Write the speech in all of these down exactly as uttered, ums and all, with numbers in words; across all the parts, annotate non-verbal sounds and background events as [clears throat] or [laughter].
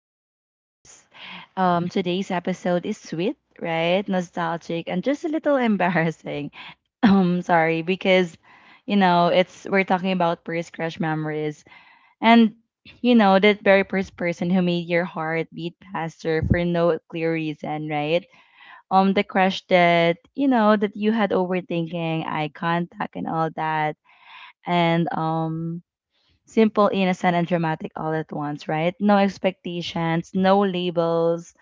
Abby Babs. Um, today's episode is sweet, right? Nostalgic and just a little embarrassing. [laughs] Um, sorry because you know it's we're talking about first crush memories, and you know that very first person who made your heart beat faster for no clear reason, right? Um, the crush that you know that you had, overthinking, eye contact, and all that, and um simple, innocent, and dramatic all at once, right? No expectations, no labels,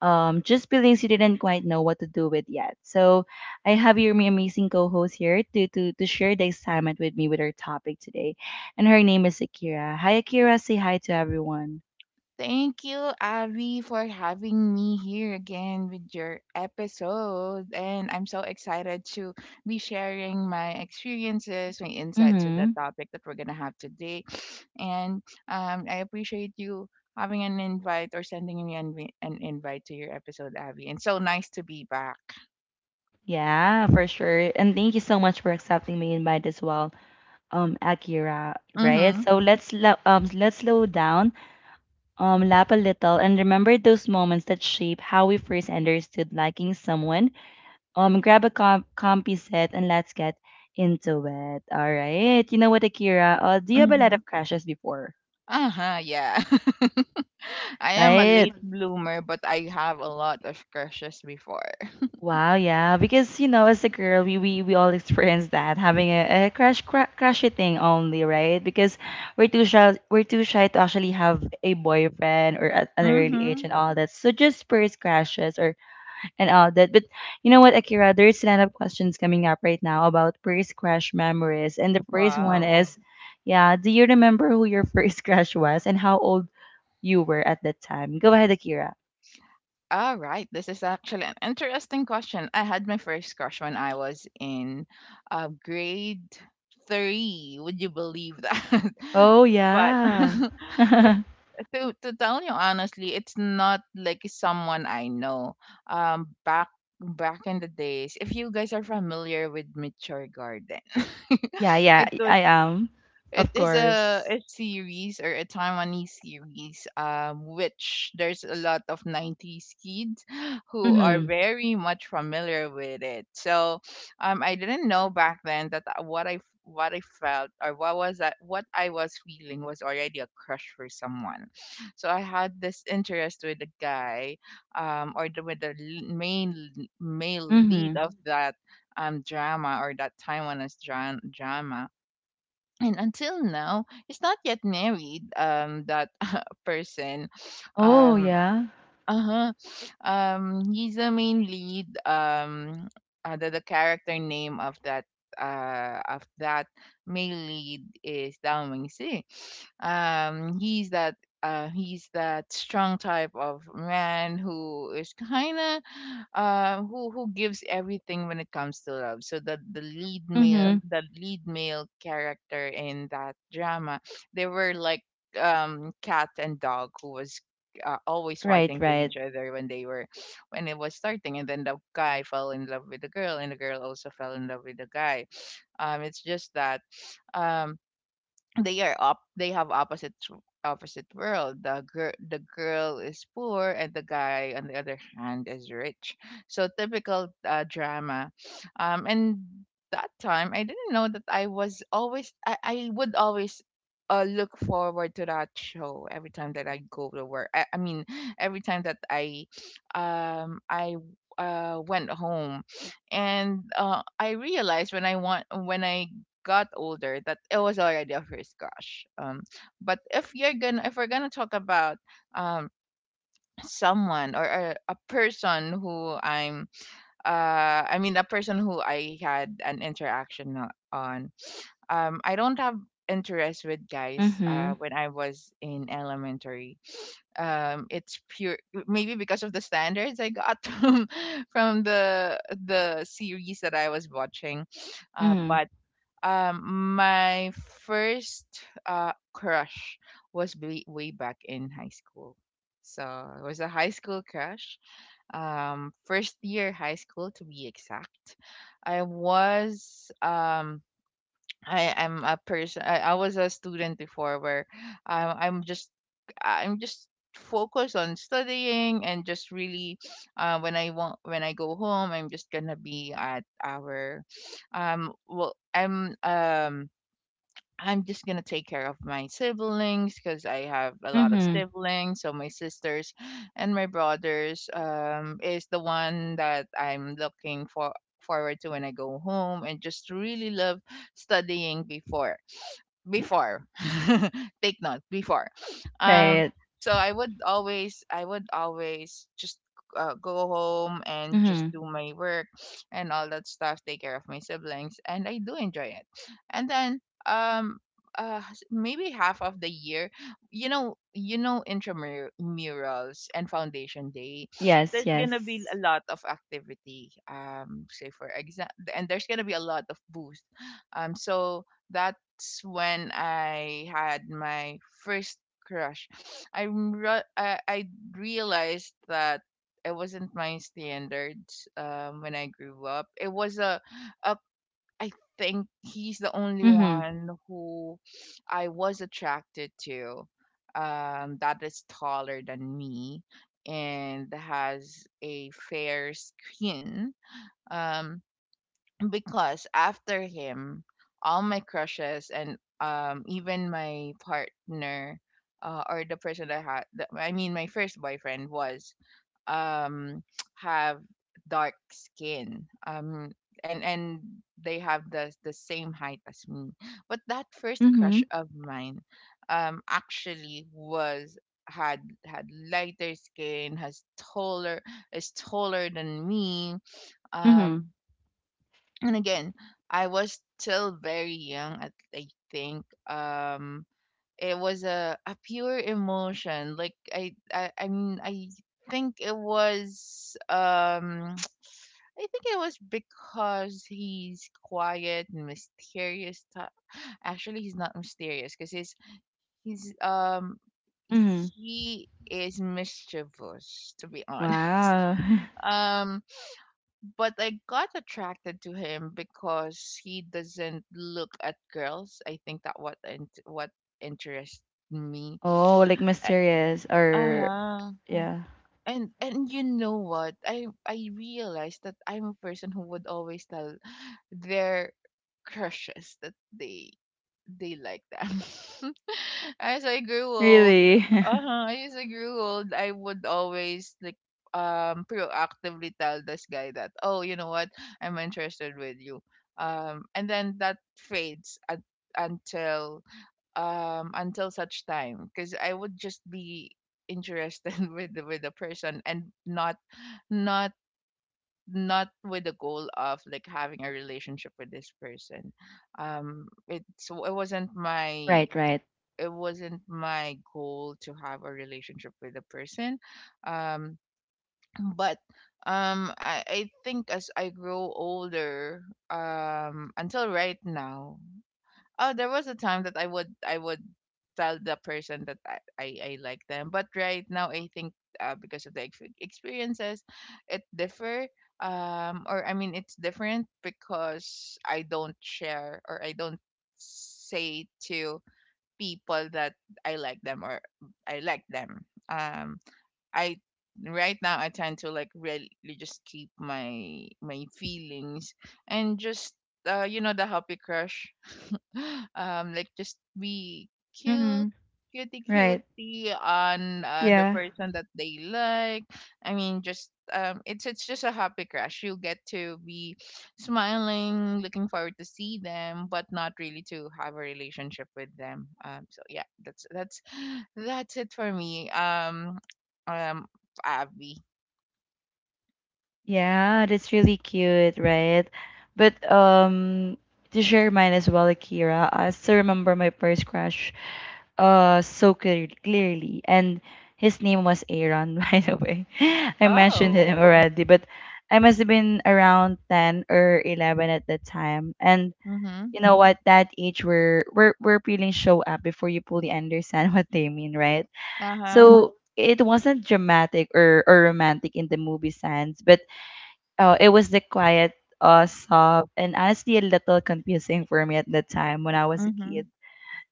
um, just feelings you didn't quite know what to do with yet. So I have your am- amazing co-host here to to to share the excitement with me with our topic today, and her name is Akira. Hi, Akira. Say hi to everyone. Thank you, Avi, for having me here again with your episode. And I'm so excited to be sharing my experiences, my insights with the Mm-hmm. topic that we're going to have today. [sniffs] And um, I appreciate you having an invite or sending me an, vi- an invite to your episode, Avi. And so nice to be back. Yeah, for sure. And thank you so much for accepting my invite as well, um, Akira. Right. Mm-hmm. So let's lo- um let's slow down, um, laugh a little, and remember those moments that shape how we first understood liking someone. Um, grab a com- comfy set and let's get into it. All right. You know what, Akira? Uh, do you have a lot Mm-hmm. of crashes before? Uh-huh, yeah. [laughs] I am a Right. late bloomer, but I have a lot of crushes before. Wow. Yeah. Because you know, as a girl, we we, we all experience that having a, a crush cra- crushy thing only, right? Because we're too shy. We're too shy to actually have a boyfriend or at an early age Mm-hmm. and all that. So just first crashes or and all that. But you know what, Akira? There's a lot of questions coming up right now about first crush memories. And the first one Wow. is, yeah, do you remember who your [laughs] first crush was and how old you were at that time? Go ahead, Akira. All right, this is actually an interesting question. I had my first crush when I was in uh, grade three. Would you believe that? Oh, [laughs] but yeah. [laughs] [laughs] but Yeah, to to tell you honestly, it's not like someone I know. Um, back back in the days, if you guys are familiar with Mature Garden, [laughs] yeah, it was I am. it Of is a, course. a series or a Taiwanese series, um, which there's a lot of nineties kids who are Mm very much familiar with it. So, um, I didn't know back then that I- what I what I felt, or what was that what I was feeling was already a crush for someone. So I had this interest with the guy, um, or the, with the l- main l- male hmm. lead Mm hmm. of that um drama, or that Taiwanese dra- drama. And until now he's not yet married, um that [laughs] person. Oh, um yeah. uh-huh. Um, he's the main lead. Um, uh, the, the character name of that uh of that male lead is Dao Mingxi. Um, he's that uh he's that strong type of man who is kind of, uh who who gives everything when it comes to love. So that, the lead Mm male hmm. the lead male character in that drama, they were like, um cat and dog, who was uh, always Right, fighting to right. each other when they were, when it was starting. And then the guy fell in love with the girl and the girl also fell in love with the guy. Um it's just that um they are up they have opposite tr- opposite world. The girl the girl is poor and the guy on the other hand is rich. So typical uh, drama. Um and that time I didn't know that i was always i, I would always uh, look forward to that show every time that I go to work I, I mean every time that I um I uh, went home. And uh, I realized when I want when I got older that it was already a first crush. Um, but if you're gonna if we're gonna talk about um someone, or a, a person who I'm uh I mean a person who I had an interaction o- on, um, I don't have interest with Mm guys uh hmm. when I was in elementary. Um, it's pure, maybe because of the standards I got [laughs] from from the the series that I was watching. Uh Mm but um My first uh crush was way, way back in high school. So it was a high school crush, um, first year high school to be exact. I was um I am a person, I, I was a student before where, um, I'm just I'm just focused on studying. And just really, uh, when I want when I go home I'm just gonna be at our, um well i'm um I'm just gonna take care of my siblings because I have a hmm. lot Mm of hmm. siblings. So my sisters and my brothers, um, is the one that I'm looking for forward to when I go home. And just really love studying before, before [laughs] take note, before. um Right. so I would always I would always just uh, go home and Mm just hmm. do my work and all that stuff, take care of my siblings, and I do enjoy it. And then um uh s- maybe half of the year, you know, you know intramurals and foundation day, Yes, there's gonna yes. be a lot of activity, um, say for example, and there's gonna be a lot of booth. Um so that's when I had my first crush. I re- I, I realized that it wasn't my standards, um, when I grew up. It was a, a, I think he's the only Mm hmm. one who I was attracted to, um, that is taller than me and has a fair skin. Um, because after him, all my crushes, and um even my partner, uh, or the person I had, the, I mean my first boyfriend, was um [tsk] have dark skin, um and and they have the the same height as me. But that first Mm hmm. crush of mine, um actually was, had had lighter skin, has taller is taller than me. Mm hmm. um and again, I was still very young. i, I think, um, it was a, a pure emotion. Like I, I i mean i think it was um [tsk] I think it was because he's quiet and mysterious type. Actually he's not mysterious, because he's he's um Mm hmm. he is mischievous, to be honest. Wow. [laughs] [laughs] Um, but I got attracted to him because he doesn't look at girls. I think that what int- what interests me. Oh, like mysterious Uh or huh. yeah. And and you know what? I I realized that I'm a person who would always tell their crushes that they they like them. [laughs] As I grew old, Really? [laughs] uh huh, as I grew old, I would always like, um, proactively tell this guy that, oh, you know what, I'm interested with you. Um, and then that fades at until um until such time because I would just be interested [laughs] with the, with the person, and not not not with the goal of like having a relationship with this person. Um it's it wasn't my Right, right. it wasn't my goal to have a relationship with a person. um but um I, I think as I grow older, um, until right now. Oh, there was a time that I would I would tell the person that I I, I like them, but right now I think, uh, because of the ex- experiences, it differ. Um, or I mean, it's different because I don't share, or I don't say to people that I like them, or I like them. Um, I Right now I tend to like, really just keep my my feelings, and just, uh, you know, the happy crush. [gasps] [laughs] Um, like just be cute, Mm-hmm. cutie Right. cutie on uh, the Yeah. person that they like. I mean just, um it's it's just a happy crush. You get to be smiling, looking forward to see them, but not really to have a relationship with them. Um so yeah, that's that's [gasps] [sighs] that's it for me. um um Abby. Yeah, that's really cute, right? But um to share mine as well, Akira, I still remember my first crush uh so clear- clearly. And his name was Aaron, [laughs] by the way. [laughs] I mentioned Oh. him already, but I must have been around ten or eleven at that time. And Mhm. you know, what that age where where where feelings show up before you fully understand [laughs] what they mean, right? Uh huh. So it wasn't dramatic or, or romantic in the movie sense, but uh, it was the quiet, uh soft, and honestly a little confusing for me at the time when I was a kid. Mhm.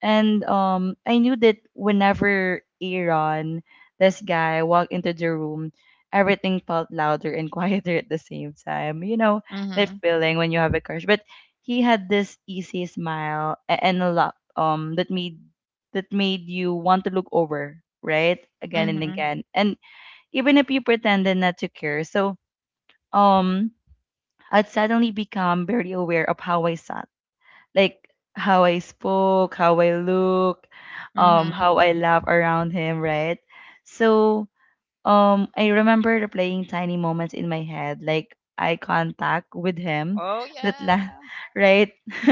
And um, I knew that whenever Aaron, this guy, walked into the room, everything felt louder and [laughs] quieter at the same time. You know, that Mhm. feeling when you have a crush. But he had this easy smile a- and a lot um that made that made you want to look over, right? Again and Mhm. again. And even if you pretended not to care. So um I'd suddenly become very aware of how I saw, like, how I spoke, how I look, um, Mhm. how I laugh around him, right? So um, I remember replaying tiny moments in my head, like eye contact with him, Oh that la- yeah. [laughs] right, [laughs]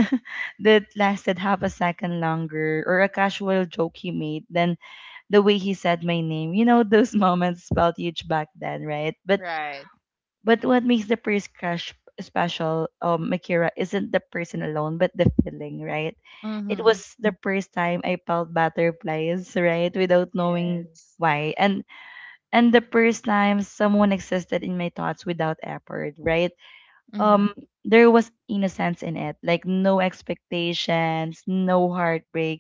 that lasted half a second longer, or a casual joke he made, then the way he said my name. You know, those [laughs] moments felt huge back then, right? But Right. but what makes the first crush special, um, Makira, isn't the person alone, but the feeling, right? It Mhm. was the first time I felt butterflies, right, without knowing Yes. why, and and the first time someone existed in my thoughts without effort, right? Mhm. Um, there was innocence in it, like no expectations, no heartbreak,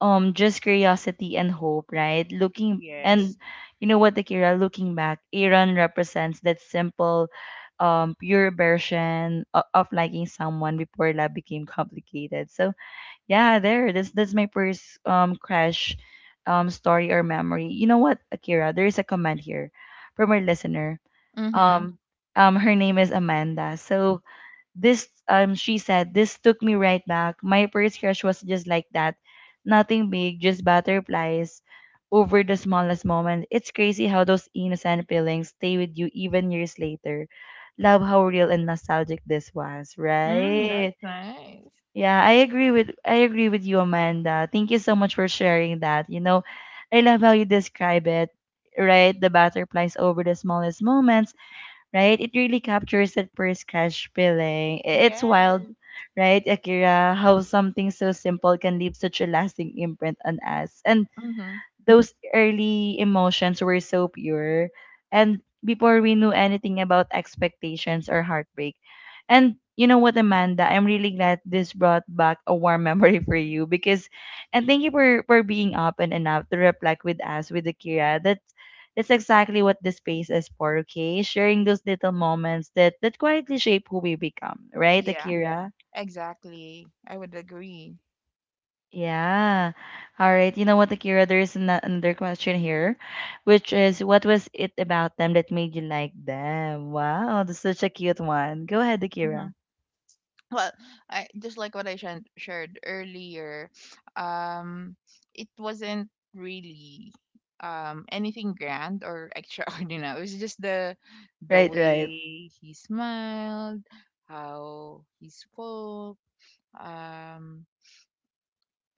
um just curiosity and hope, right? Looking and Yes. you know what, Akira, looking back, Iran represents that simple, um, pure version of, of liking someone before love became complicated. So yeah, there. That's that's my first um crash um story or memory. You know what, Akira, there is a comment here from our listener. Mhm. Um um Her name is Amanda. So this, um, she said, this took me right back. My first crush was just like that. Nothing big, just butterflies over the smallest moment. It's crazy how those innocent feelings stay with you even years later. Love how real and nostalgic this was, Mm, that's right? nice. Yeah, I agree with I agree with you, Amanda. Thank you so much for sharing that. You know, I love how you describe it, right? The butterflies over the smallest moments, right? It really captures that first crush feeling. I- It's wild, Yes. right, Akira, how something so simple can leave such a lasting imprint on us. And Mhm. those early emotions were so pure and before we knew anything about expectations or heartbreak. And you know what, Amanda, I'm really glad this brought back a warm [laughs] memory for you. Because and thank you for for being open enough to reflect with us with Akira. That's that's exactly what this space is for, okay, sharing those little moments that that quietly shape who we become, right, Yeah, Akira? exactly. I would agree. Yeah. All right. You know what, Akira? There's an- another question here, which is what was it about them that made you like them? Wow, that's such a cute one. Go ahead, Mhm. Akira. Well, I just like what I shan- shared earlier, um, it wasn't really um anything grand or [laughs] extraordinary. It was just the the Right, right. way he smiled, how he spoke. um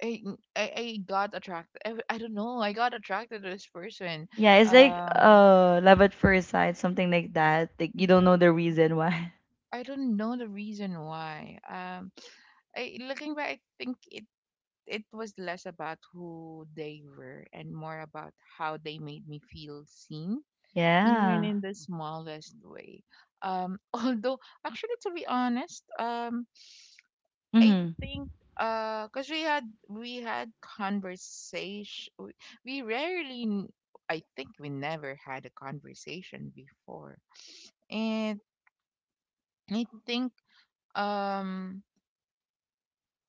I I I got attracted. I, I don't know. I got attracted to this person. Yeah, it's like Um, uh love at first sight, something like that. Like I you don't know don't the reason why. [laughs] I don't know the reason why. Um, I Looking back, I think it it was less about who they were, and more about how they made me feel seen, even Yeah. in the smallest way. Um, [laughs] although actually, to be honest, um, I Mm-hmm. think, uh, cause we had we had conversation. we we rarely n- I think we never had a conversation before. And I think, um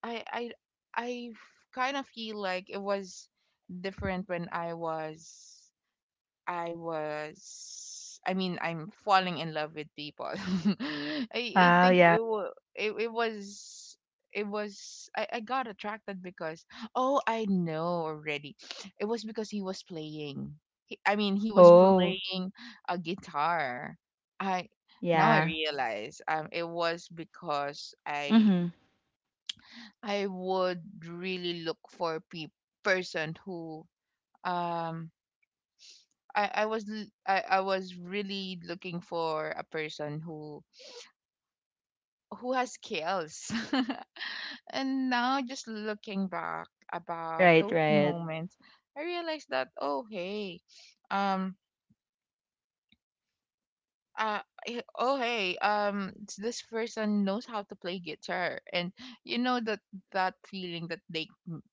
I I I kind of feel like it was different when I was I was, I mean, I'm falling in love with people. [laughs] I, I Wow, think yeah. it, wa- it it was, it was I, I got attracted because, oh, I know already. [sniffs] It was because he was playing. He, I mean he was Oh, playing a guitar. I Now I yeah. realize, um, it was because I Mm-hmm. I would really look for pe person who, um I, I was l- I, I was really looking for a person who who has skills. [laughs] And now just looking back about Right, those right. moments, I realized that, oh hey, um uh eh, oh hey, um s- this person knows how to play guitar. And you know that that feeling that they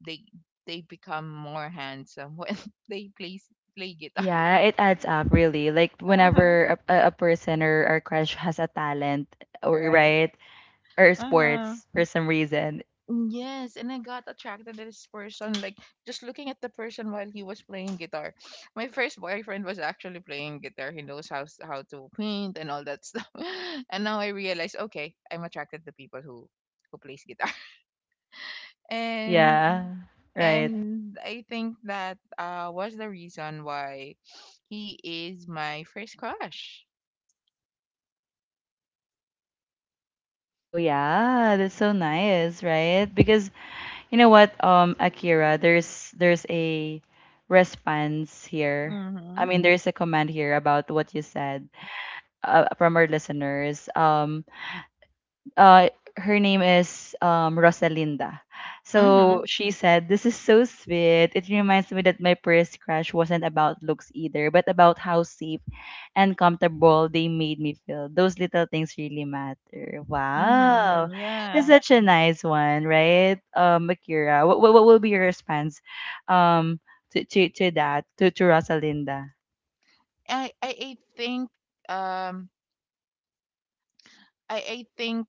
they they become more handsome when [laughs] they play play guitar. Yeah, it adds up really. Like [laughs] whenever a, a a person or a crush has a talent, or Right. right, or Uh-huh. sports for some reason. Yes, and I got attracted to this person, like just looking at the person while he was playing guitar. My first boyfriend was actually playing guitar. He knows how s- how to paint and all that stuff. [laughs] And now I realize, okay, I'm attracted to people who who plays guitar. [laughs] And Yeah. Right. and I think that uh was the reason why he is my first crush. Oh yeah, that's so nice, right? Because you know what, um, Akira, there's there's a response here. I Mhm. mean, there's a comment here about what you said, uh, from our listeners. Um, uh, Her name is um, Rosalinda. So Mhm. she said, this is so sweet. It reminds me that my first crush wasn't about looks either, but about how safe and comfortable they made me feel. Those little things really matter. Wow. Mhm. It's Yeah. such a nice one, right? Um, Akira, what, what, what will be your response, um, to, to, to that, to, to Rosalinda? I I, I think, um I I think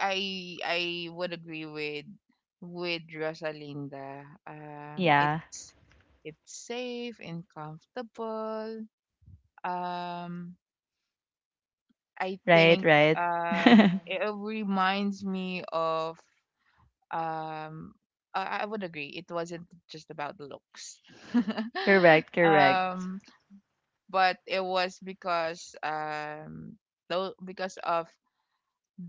I I would agree with with Rosalinda. Um, Yeah, it's it's safe and comfortable. Um, I right, think, right. um [laughs] it reminds me of, um. I I would agree. It wasn't just about the looks, [laughs] Correct, correct. um, but it was because um, though because of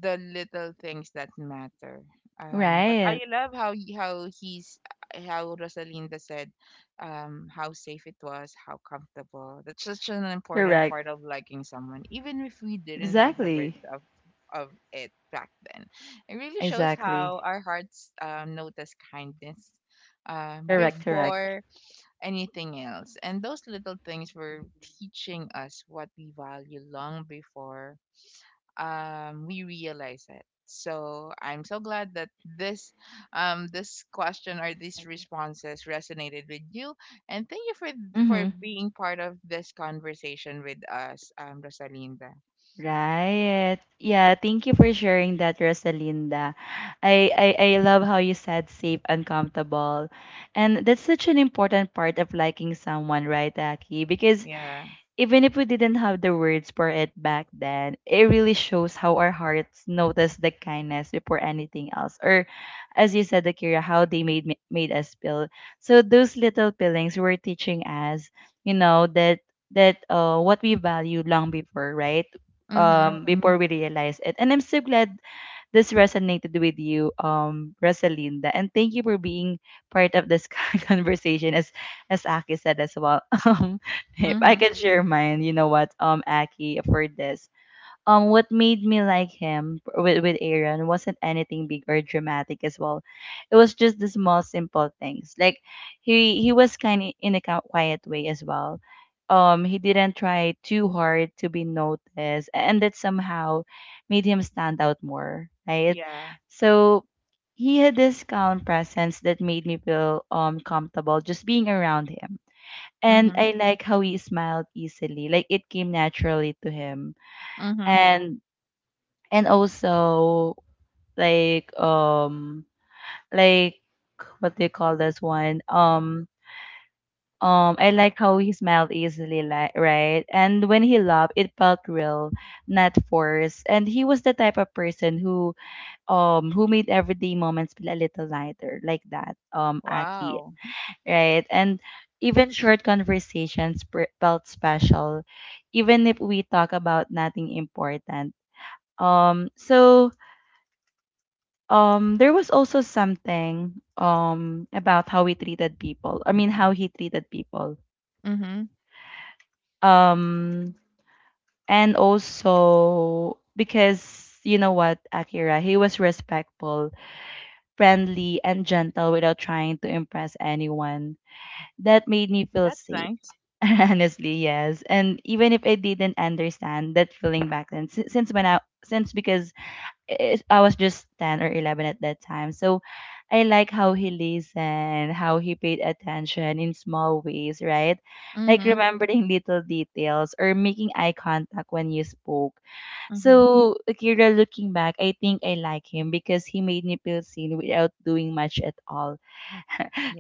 the little things that matter. Um, but I Right, love how he- how he's how Rosalinda said, um, how safe it was, how comfortable. That's such an important correct. part of liking someone, even if we didn't have the words Exactly. of of it back then. It really shows Exactly. how our hearts um, notice kindness um, Correct, correct. before anything else, and those little things were teaching us what we value long before, um, we realize it. So I'm so glad that this um, this question or these responses resonated with you, and thank you for for Mm-hmm. being part of this conversation with us, um, Rosalinda. Right. Yeah, thank you for sharing that, Rosalinda. I, I I love how you said safe, uncomfortable. And that's such an important part of liking someone, right, Aki? Because Yeah. even if we didn't have the words for it back then, it really shows how our hearts notice the kindness before anything else. Or, as you said, Akira, how they made me- made us feel. So those little feelings were teaching us, you know, that that uh, what we value long before, right? Mhm. Um, before we realize it. And I'm so glad this resonated with you, um, Rosalinda. And thank you for being part of this [laughs] conversation, as as Aki said as well. [laughs] Um, if I Mhm. can share mine, you know what, um, Aki, for this um what made me like him with with Aaron wasn't anything big or dramatic as well. It was just the small simple things. Like he he was kind of in a qui- quiet way as well. Um he didn't try too hard to be noticed and that somehow made him stand out more, right? Yeah. So he had this calm presence that made me feel um comfortable just being around him. And Mhm. I like how he smiled easily, like it came naturally to him. Mhm. and and also like um like what do you call this one um um I like how he smiled easily, like right, and when he laughed it felt real, not forced. And he was the type of person who um who made everyday moments feel a little lighter, like that, um Aki, Wow. right? And even short conversations pre- felt special, even if we talk about nothing important. um so um there was also something um about how we treated people I mean how he treated people, Mhm. um and also because you know what, Akira, he was respectful, friendly, and gentle without trying to impress anyone. That made me feel That's safe. nice. [laughs] Honestly, yes. And even if I didn't understand that feeling back then, si- since when I since because it, I was just ten or eleven at that time. So I like how he listened, how he paid attention in small ways, right? Like Mhm. remembering little details or making eye contact when you spoke. Mhm. So, Akira, looking back, I think I like him because he made me feel seen without doing much at all.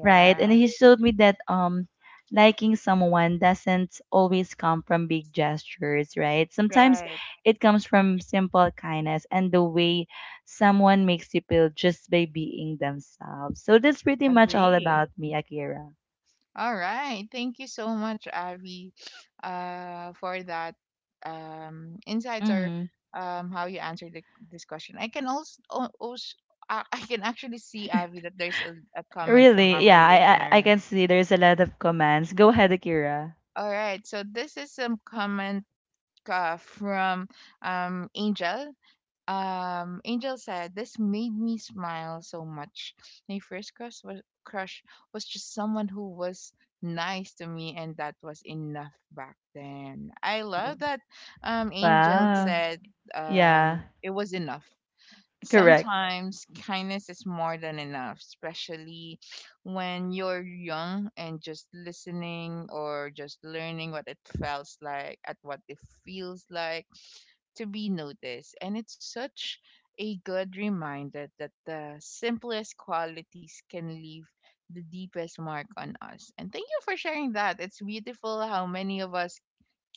Right. And he showed me that um liking someone doesn't always come from big gestures, right? Sometimes Right. it comes from simple kindness and the way someone makes you feel just by being themselves. So that's pretty much all Agree. about me, Akira. All right. Thank you so much, Avi, uh, for that um, insights or Hmm. um, how you answered the, this question. I can also, also I I can actually see, Avi, that there's a, a comment from Really? our Yeah, I, I I listener. can see there's a lot of comments. Go ahead, Akira. All right. So this is some comment uh, from um, Angel. Um, Angel said, "This made me smile so much. My first crush was, crush was just someone who was nice to me, and that was enough back then." I Wow. love that, um, Angel Wow. said, Yeah, um, it was enough. correct. Sometimes kindness is more than enough, especially when you're young and just listening or just learning what it feels like, at what it feels like to be noticed. And it's such a good reminder that the simplest qualities can leave the deepest mark on us. And thank you for sharing that. It's beautiful how many of us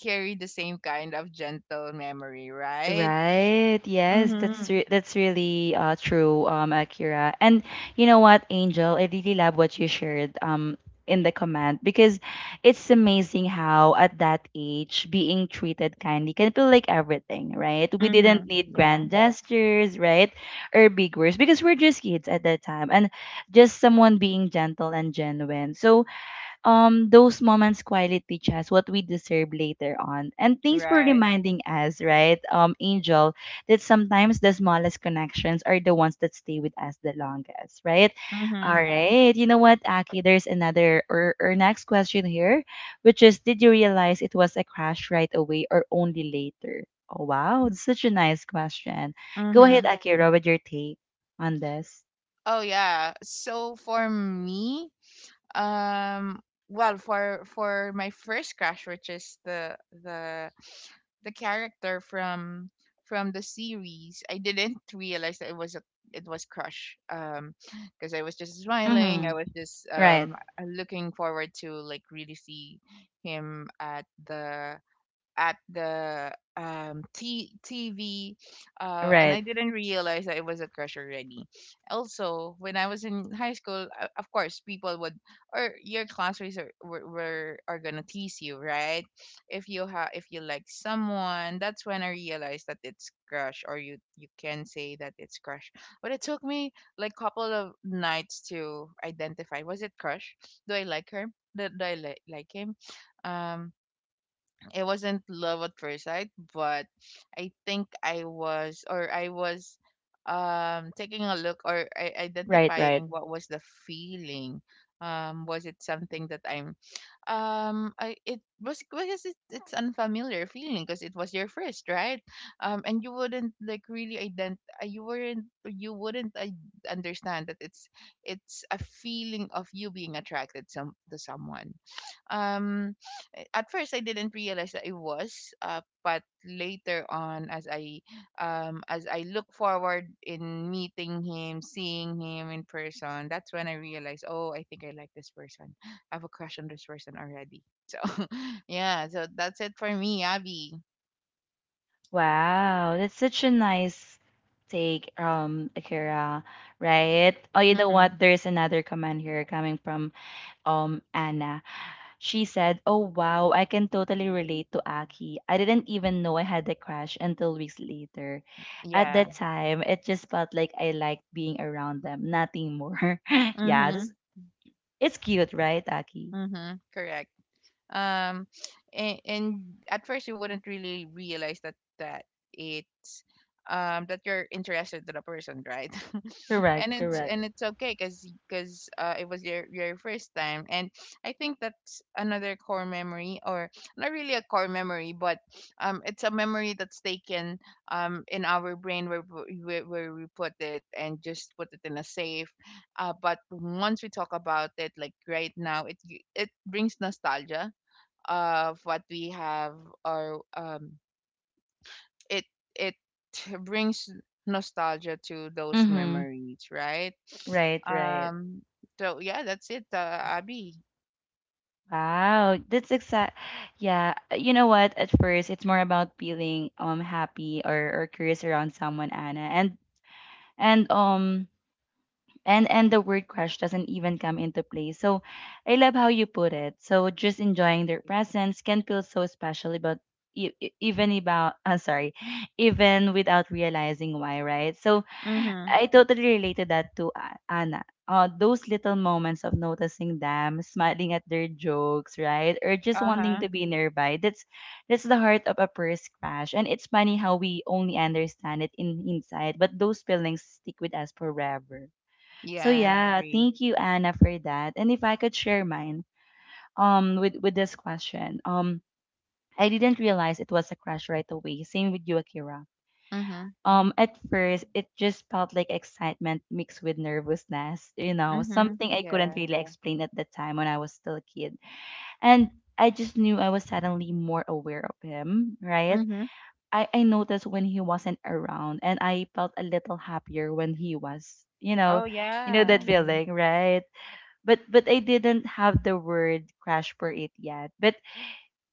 carry the same kind of gentle memory, right? Right. Yes, that's Mm-hmm. re- that's really uh, true, um, Akira. And you know what, Angel, I really love what you shared um in the comment because it's amazing how at that age being treated kindly can feel like everything, right? We Mm-hmm. didn't need Yeah. grand gestures, right, or big words because we're just kids at that time, and just someone being gentle and genuine. So um those moments quietly teach us what we deserve later on. And thanks for Right. reminding us, right, um, Angel, that sometimes the smallest connections are the ones that stay with us the longest, right? All Mhm. right. You know what, Aki, there's another or, or next question here, which is did you realize it was a crash right away or only later? Oh wow, that's such a nice question. Go ahead, Mhm. Akira, with your take on this. Oh yeah. So for me, um, well, for for my first crush, which is the the the character from from the series, I didn't realize that it was a it was crush. Um because I was just smiling, Mm-hmm. I was just Right, um looking forward to like really see him at the at the um t- TV, uh and I right, didn't realize that it was a crush already. Also, when I was in high school, uh, of course, people would or your classmates are were, were are gonna tease you, right? If you have if you like someone, that's when I realized that it's crush, or you you can say that it's crush. But it took me like couple of nights to identify, was it crush? Do I like her? Do, do I li- like him? Um, it wasn't love at first sight, but I think I was or I was um taking a look or I- right, right. identifying what was the feeling. Um, was it something that I'm um I, it was because it, it's unfamiliar feeling because it was your first, right, um, and you wouldn't like really ident uh, you weren't you wouldn't I- understand that it's it's a feeling of you being attracted some to someone, um, a- at first I didn't realize that it was uh, but later on, as I um, as I look forward in meeting him, seeing him in person, that's when I realized, oh, I think I like this person. I have a crush on this person already. So [laughs] yeah, so that's it for me, Abby. Wow, that's such a nice take, um, Akira, right? Oh, you know Mm-hmm. what? There's another comment here coming from um Anna. She said, "Oh wow, I can totally relate to Aki. I didn't even know I had the crush until weeks later. At Yeah. that time, it just felt like I liked being around them, nothing more." [laughs] Yeah, Mm-hmm. this, it's cute, right, Aki? Mm-hmm. Correct. um and, and at first you wouldn't really realize that that it's, um, that you're interested in the person, right? [laughs] And Correct, it's, correct. and it's okay, because because uh, it was your your first time. And I think that's another core memory, or not really a core memory, but um, it's a memory that's taken, um, in our brain where we- where, where we put it and just put it in a safe, uh, but once we talk about it like right now, it it brings nostalgia of what we have, or um, it it brings nostalgia to those Mm-hmm. memories, right? Right, right. Um, so yeah, that's it, uh, Abby. Wow, that's exact. Yeah, uh, you know what? At first, it's more about feeling um happy or, or curious around someone, Anna, and and um and and the word crush doesn't even come into play. So I love how you put it. So just enjoying their presence can feel so special about e- e- even about [laughs] I'm sorry even without realizing why, right? So Mm-hmm. I totally related that to A- anna, uh, those little moments of noticing them, smiling at their jokes, right, or just wanting Uh-huh. to be nearby. That's that's the heart of a first crush, and it's funny how we only understand it in hindsight, but those feelings stick with us forever. So Yeah, I yeah, agree. thank you, Anna, for that. And if I could share mine um with with this question. Um I didn't realize it was a crush right away. Same with you, Akira. Mm-hmm. Um at first it just felt like excitement mixed with nervousness, you know, Mm-hmm. something I Yeah. couldn't really, yeah, explain at the time when I was still a kid. And I just knew I was suddenly more aware of him, right? Mm-hmm. I, I noticed when he wasn't around, and I felt a little happier when he was. You know, Oh you know that yeah. Mm. feeling, right? but but I didn't have the word crash for it yet. But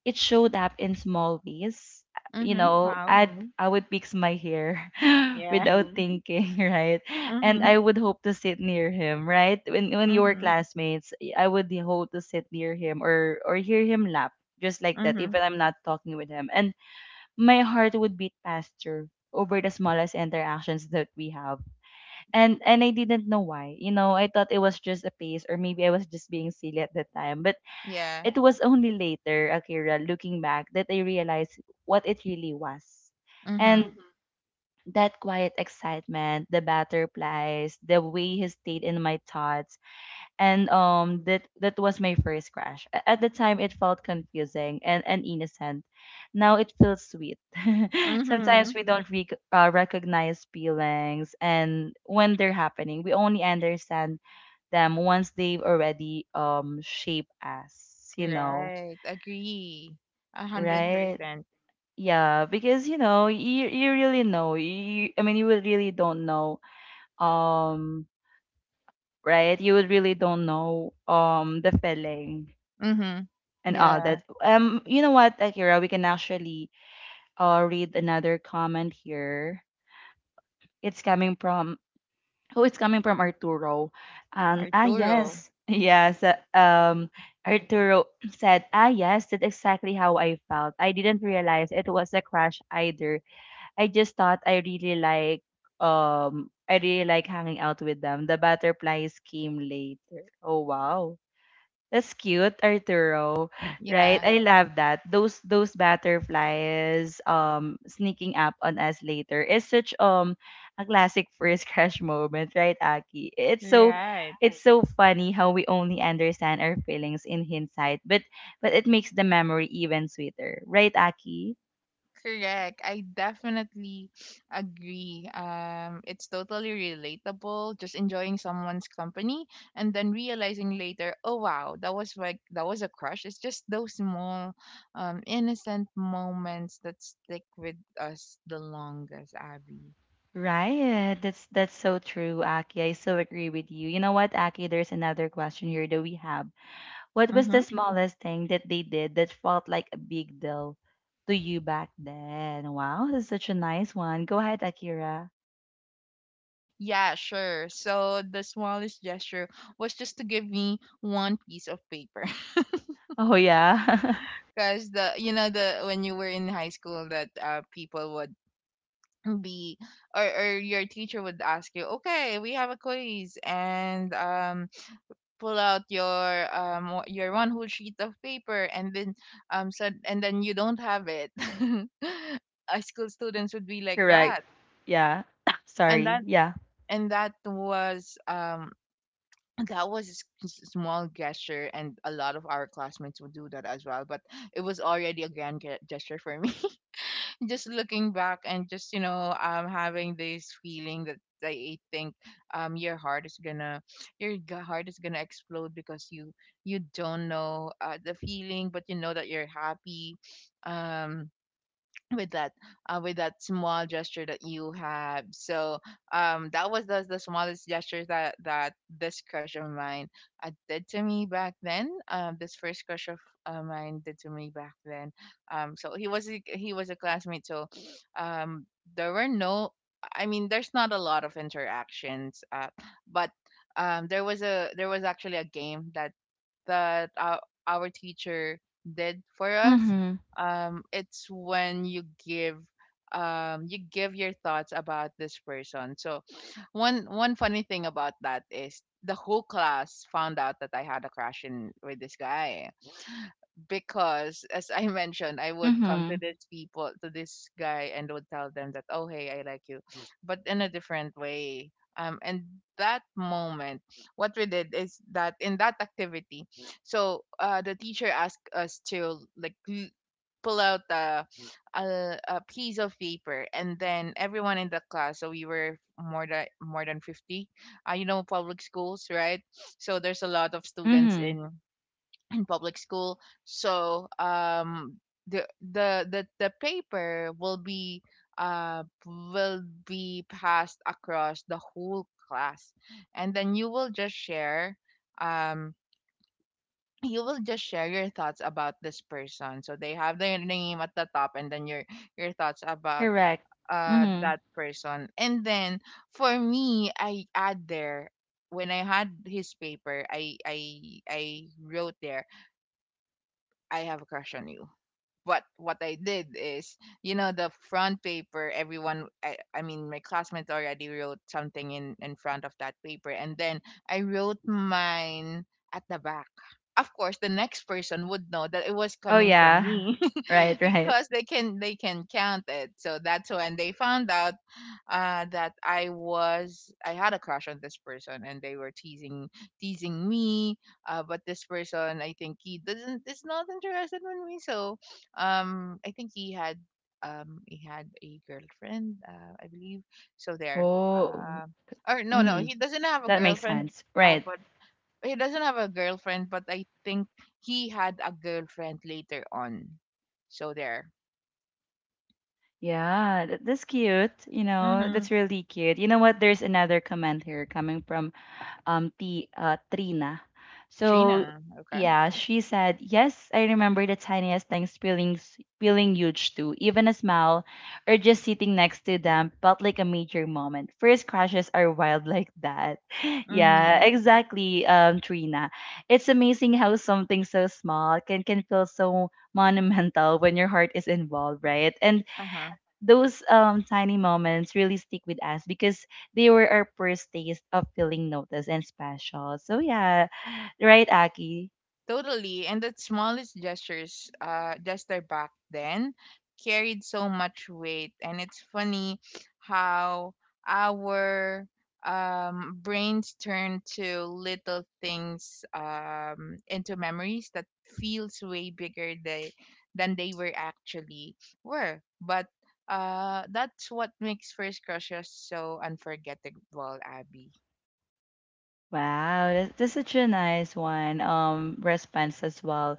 it showed up in small ways. Uh, You Mm-hmm. know, Wow. I'd I would fix my hair [laughs] Yeah. without thinking, [laughs] right? [laughs] And Mm-hmm. I would hope to sit near him, right? When when you were Mm-hmm. classmates, y- I would hope to sit near him or or hear him laugh just like that, Mm-hmm. even I'm not talking with him. And my heart would beat faster over the smallest interactions that we have, and and I didn't know why. You know, I thought it was just a phase, or maybe I was just being silly at the time. But Yeah. it was only later, Akira, looking back, that I realized what it really was, Mm-hmm. and, mm-hmm, that quiet excitement, the butterflies, the way he stayed in my thoughts. And um that that was my first crush. A- at the time it felt confusing and, and innocent. Now it feels sweet. [laughs] Mm-hmm. Sometimes we don't rec uh, recognize feelings and when they're happening. We only understand them once they've already um shaped us, you know? Right. Agree. a Mm-hmm. hundred Right. percent Yeah, because you know you, you really know, you, I mean, you would really don't know, um right, you would really don't know um the feeling Mm-hmm. and all Yeah. that. Um, you know what, Akira, we can actually uh read another comment here. It's coming from, who? It's coming from Arturo. And ah Arturo. yes. [laughs] Yes, uh, um Arturo said, "Ah yes, that's exactly how I felt. I didn't realize it was a crush either. I just thought I really like um I really like hanging out with them. The butterflies came later." Oh wow. That's cute, Arturo. Right? Yeah, I love that. Those those butterflies um sneaking up on us later is such um a classic [laughs] first crush moment, right, Aki? It's so right. it's so funny how we only understand our feelings in hindsight, but but it makes the memory even sweeter, right, Aki? Correct. I definitely agree. Um, it's totally relatable. Just enjoying someone's company and then realizing later, oh wow, that was like that was a crush. It's just those small, um, innocent moments that stick with us the longest, Abby. Right. That's that's so true, Aki. I so agree with you. You know what, Aki? There's another question here that we have. What was the Mm-hmm. smallest thing that they did that felt like a big deal to you back then? Wow, that's such a nice one. Go ahead, Akira. Yeah, sure. So the smallest gesture was just to give me one piece of paper. Oh yeah. Because, the you know, the when you were in high school, that uh, people would be, or, or your teacher would ask you, okay, we have a quiz, and um, pull out your um wh- your one whole sheet of paper, and then um, said, and then you don't have it. [laughs] High school students would be [laughs] like Correct. that. Yeah. [coughs] and Sorry. that Yeah. and that was um, that was a s- s- small gesture, and a lot of our classmates would do that as well, but it was already a grand ge- gesture for me, just looking back, and just, you know, um, having this feeling that I think, um, your heart is gonna, your g- heart is gonna explode, because you you don't know, uh, the feeling, but you know that you're happy um with that, uh, with that small gesture that you have. So um, that was the, the smallest gesture that that this crush of mine, uh, did to me back then, um, this first crush of uh, mine did to me back then. Um, so he was a, he was a classmate, so um, there were no, I mean, there's not a lot of interactions, uh, but um, there was a, there was actually a game that that our, our teacher did for us, Mhm. um. It's when you give, um, you give your thoughts about this person. So one one funny thing about that is the whole class found out that I had a crush in with this guy, because as I [laughs] mentioned, I would come to Mhm. these people, to this guy, and would tell them that, oh hey, I like you, but in a different way, um. And that moment, what we did is that in that activity, so uh, the teacher asked us to like l- pull out a, a a piece of paper, and then everyone in the class. So we were more than more than fifty. Uh, you know public schools, right? So there's a lot of students Mhm. in in public school. So um, the the the, the paper will be uh, will be passed across the whole class, and then you will just share, um, you will just share your thoughts about this person. So they have their name at the top, and then your your thoughts about Correct. uh, Mhm. that person. And then for me, I add there, when I had his paper, I I I wrote there, I have a crush on you. What what I did is, you know, the front paper. Everyone, I, I mean, my classmates already wrote something in in front of that paper, and then I wrote mine at the back. Of course, the next person would know that it was Oh coming from yeah. me [laughs] Right, [laughs] right. because they can they can count it. So that's when they found out uh, that I was I had a crush on this person, and they were teasing teasing me. Uh, but this person, I think he doesn't is not interested in me, so um, I think he had um, he had a girlfriend, uh, I believe. So there. Oh. Uh, or no, no, Mhm. he doesn't have a That makes girlfriend. sense. Uh, Right. but he doesn't have a girlfriend. But I think he had a girlfriend later on. So there. Yeah, th- that's cute. You know, that's Mhm. really cute. You know what? There's another comment here coming from um T uh Trina. So Trina. Okay. yeah, she said, "Yes, I remember the tiniest things feeling s- feeling huge too. Even a smile or just sitting next to them felt like a major moment. First crashes are wild like that." [laughs] Yeah, Mhm. exactly, um, Trina. It's amazing how something so small can can feel so monumental when your heart is involved, right? And Uh. those um tiny moments really stick with us because they were our first taste of feeling noticed and special. So yeah, right, Aki. Totally. And the smallest gestures, uh, gesture back then carried so much weight. And it's funny how our um, brains turn to little things um, into memories that feels way bigger they, than they were actually were. But uh, that's what makes first crushes so unforgettable, Abby. Wow, that- that's such a nice one. Um, response as well,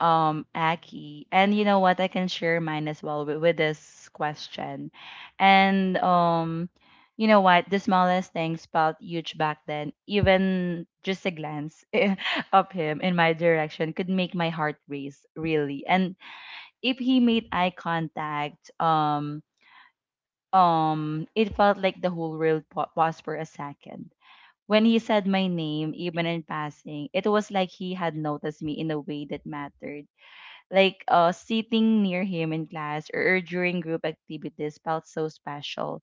um, Aki. And you know what? I can share mine as well with, with this question. And um, you know what? The smallest things felt huge back then. Even just a glance [laughs] of him in my direction could make my heart race, really. And if he made eye contact, um, um, it felt like the whole world pa- paused for a second. When he said my name, even in passing, it was like he had noticed me in a way that mattered. Like, uh, sitting near him in class or during group activities felt so special,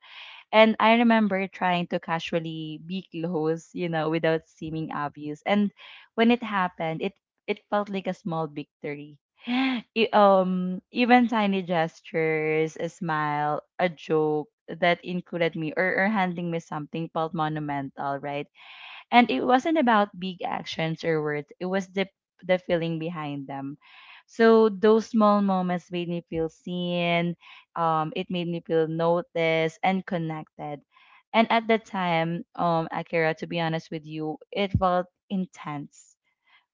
and I remember trying to casually be close, you know, without seeming obvious. And when it happened, it it felt like a small victory. [gasps] E- um, even tiny gestures, a smile, a joke that included me, or, or handing me something, felt monumental, right? And it wasn't about big actions or words, it was the the feeling behind them. So those small moments made me feel seen um it made me feel noticed and connected. And at the time, um Akira, to be honest with you, it felt intense,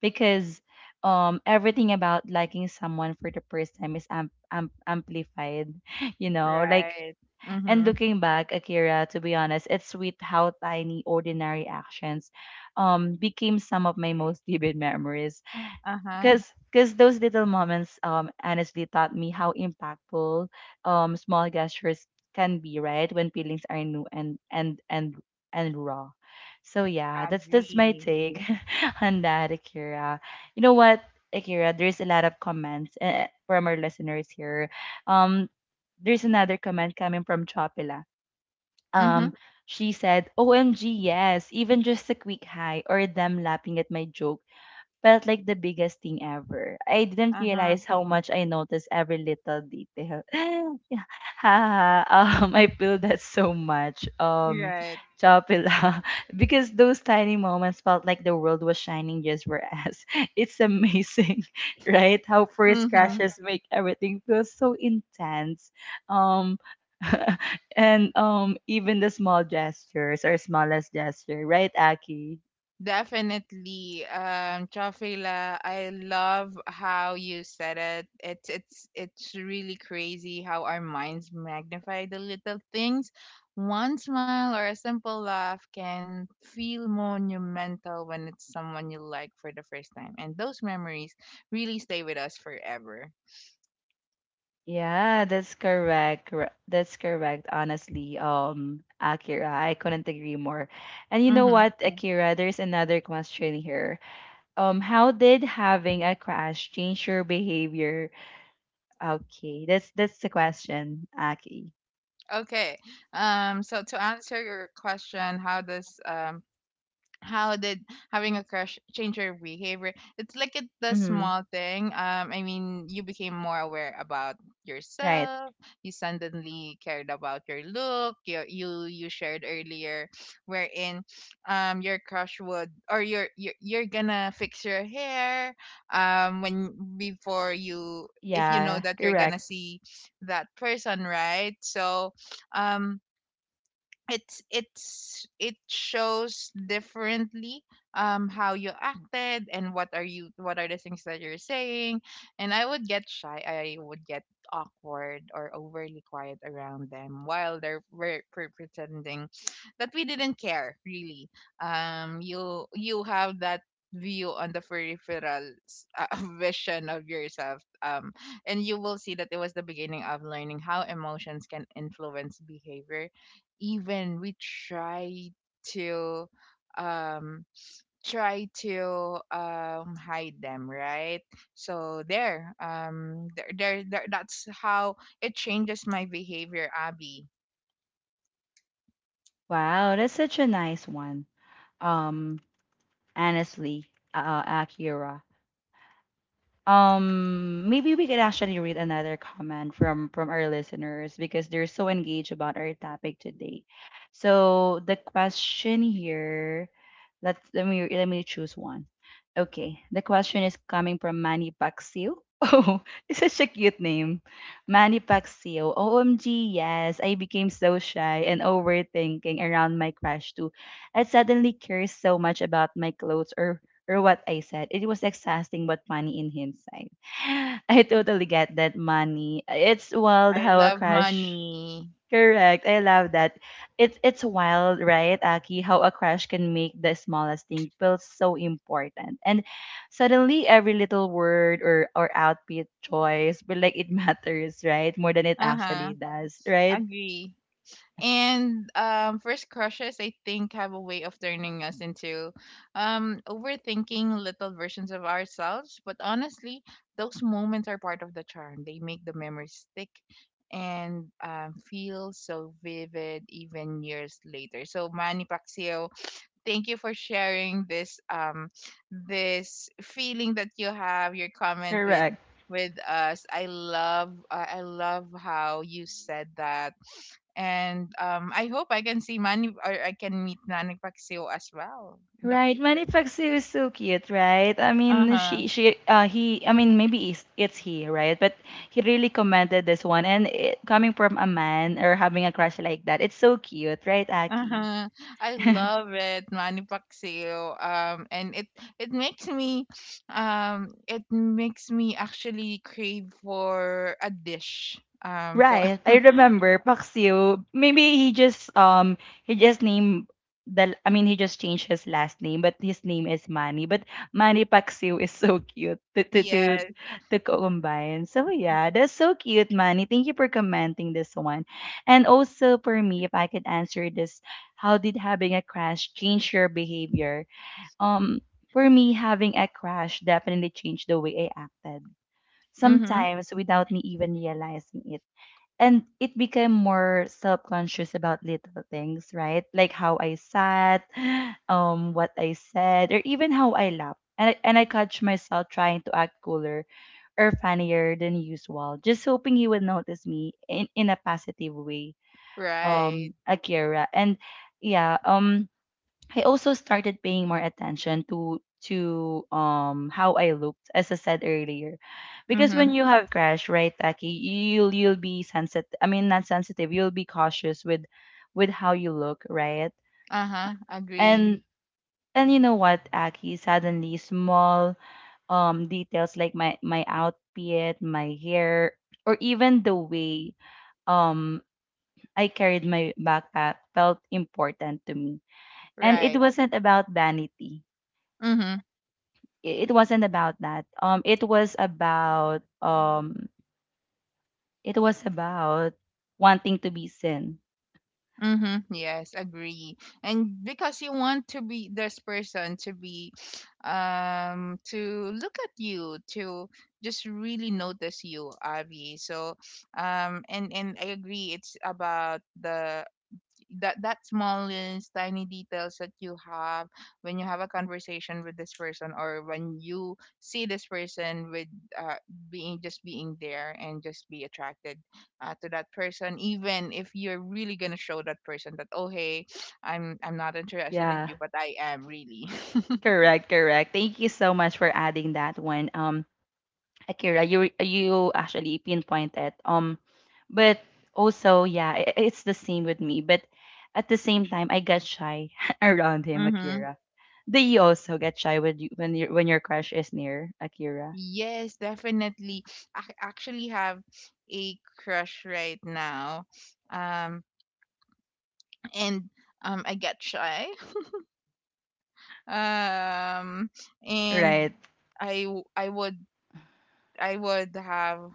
because um everything about liking someone for the first time is am- am- amplified, [laughs] you know like. Right. And Mm-hmm. looking back, Akira, to be honest, it's sweet how tiny, ordinary actions um, became some of my most [laughs] vivid memories. Uh-huh. Because cause those little moments, um, honestly taught me how impactful, um, small gestures can be, right? When feelings are new and and and and raw. So yeah, that's that's my Agree. take [laughs] on that, Akira. You know what, Akira? There's a lot of comments uh, from our listeners here. Um, there's another comment coming from Chopila. Um, Mm-hmm. she said, "O M G yes, even just a quick hi or them laughing at my joke felt like the biggest thing ever. I didn't Uh-huh. realize how much I noticed every little detail." [laughs] Yeah. Haha. um, I feel that so much. Um, Right. Chopila, [laughs] because those tiny moments felt like the world was shining just for us. [laughs] It's amazing, [laughs] right? How first Mm-hmm. crashes make everything feel so intense. Um, [laughs] and, um, even the small gestures, or smallest gesture, right, Aki? Definitely. Um, Chofila, I love how you said it. It's it's it's really crazy how our minds magnify the little things. One smile or a simple laugh can feel monumental when it's someone you like for the first time. And those memories really stay with us forever. Yeah, that's correct. cor- That's correct. Honestly, um, Akira, I couldn't agree more. And you know Mm-hmm. what, Akira, there's another question here. Um, how did having a crash change your behavior? Okay, that's that's the question, Aki. Okay. Um, so to answer your question, how does um how did having a crush change your behavior? It's like it the Mm-hmm. small thing. Um, I mean, you became more aware about Right. yourself. You suddenly cared about your look. You you, you shared earlier, wherein, um, your crush would, or your, you're, you're gonna fix your hair. Um, when before you, if you know Yeah, that you're gonna correct. see that person, right? So, um it's it's it shows differently um how you acted and what are you what are the things that you're saying, and I would get shy, I would get awkward or overly quiet around them while they're we're, pretending that we didn't care really. um you you have that view on the peripheral s- uh, [laughs] vision of yourself, um and you will see that it was the beginning of learning how emotions can influence behavior, even we try to um try to um hide them, right? So there um there, there, there that's how it changes my behavior, Abby. Wow, that's such a nice one. Um, honestly, uh, Akira. Um, maybe we could actually read another comment from from our listeners because they're so engaged about our topic today. So the question here, let's let me let me choose one. Okay, the question is coming from Manny Paxio. [laughs] Oh, it's such a cute name. Manny Paxio. "O M G yes, I became so shy and overthinking around my crush too. I suddenly care so much about my clothes or or what I said. It was exhausting, but funny in hindsight." [laughs] [sighs] I totally get that, money. It's wild I how a love crush. money. Correct. I love that. It's it's wild, right, Aki? How a crush can make the smallest thing feel so important, and suddenly every little word or or outfit choice, but like it [laughs] matters, right, more than it Uh-huh. actually does, right? Agree. And um, first crushes, I think, have a way of turning us into um, overthinking little versions of ourselves. But honestly, those moments are part of the charm. They make the memories stick and um, feel so vivid even years later. So Manny Pacquiao, thank you for sharing this um this feeling that you have, your comment with Correct. with us. I love uh, I love how you said that. And um I hope I can see Manny or I can meet Manny Pacquiao as well in the Right, future. Manifaxu is so cute, right? I mean, Uh-huh. she, she, uh, he, I mean, maybe it's, it's he, right? But he really commented this one, and it, coming from a man or having a crush like that, it's so cute, right, Aki? Uh-huh. I love it, Manny Pacquiao. Um and it it makes me um it makes me actually crave for a dish um for Right. I [laughs] remember Paxio. Maybe he just um he just named the I mean he just changed his last name, but his name is Manny. But Manny Paxio is so cute to to to, yes. to combine. So yeah, that's so cute, Manny. Thank you for commenting this one. And also for me, if I could answer this, how did having a crash change your behavior? Um for me, having a crash definitely changed the way I acted. Mhm. Sometimes without me even realizing it, and it became more self-conscious about little things, right, like how I sat [gasps] um what I said or even how I laughed, and I, and I catch myself trying to act cooler or funnier than usual, just hoping he would notice me in, in a positive way, Right. Um akira. And yeah, um I also started paying more attention to to um how I looked, as I said earlier, because when Mhm. you have crash, right, Taki, you'll you'll be sensitive. I mean, not sensitive. You'll be cautious with with how you look, right? Mm-hmm. Uh-huh. Agree. And and you know what, Aki? Suddenly, small um details like my my outfit, my hair, or even the way um I carried my backpack felt important to me. And it Right. wasn't about vanity, Mhm. it wasn't about that. Um, it was about um, it was about wanting to be seen. Mhm. Yes, agree. And because you want to be this person to be um to look at you, to just really notice you, Avi. So um and and I agree, it's about the that that smallest tiny details that you have when you have a conversation with this person or when you see this person with uh, being just being there and just be attracted uh, to that person, even if you're really gonna show that person that oh hey, i'm i'm not interested in Yeah, you, but I am really— correct, correct. Thank you so much for adding that one. Um, Akira, you you actually pinpointed. Um, but also, yeah, I it's the same with me. But at the same time, I got shy [laughs] around [laughs] him, Mm-hmm. Akira. Do you also get shy with you when you when your crush is near, Akira? Yes, definitely. I actually have a crush right now. Um and um I get shy. Um and Right. I w- I would I would have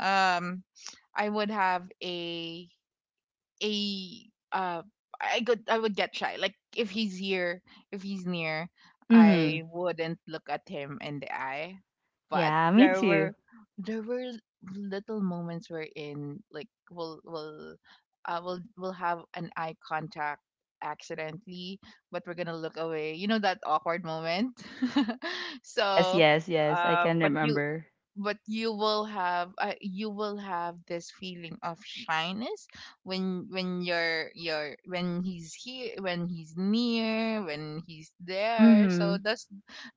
um I would have a a uh I could, I would get shy. Like if he's here, if he's near, Mm-hmm. I wouldn't look at him in the eye. But Yeah, me there too. were— there were little moments wherein like we'll we'll uh, we'll we'll have an eye contact accidentally, but we're gonna look away. You know, that awkward moment. [laughs] Yes, so yes, yes. I uh can but you— remember. but you will have uh, you will have this feeling of shyness when— when you're— you're when he's here, when he's near, when he's there, so Mhm. those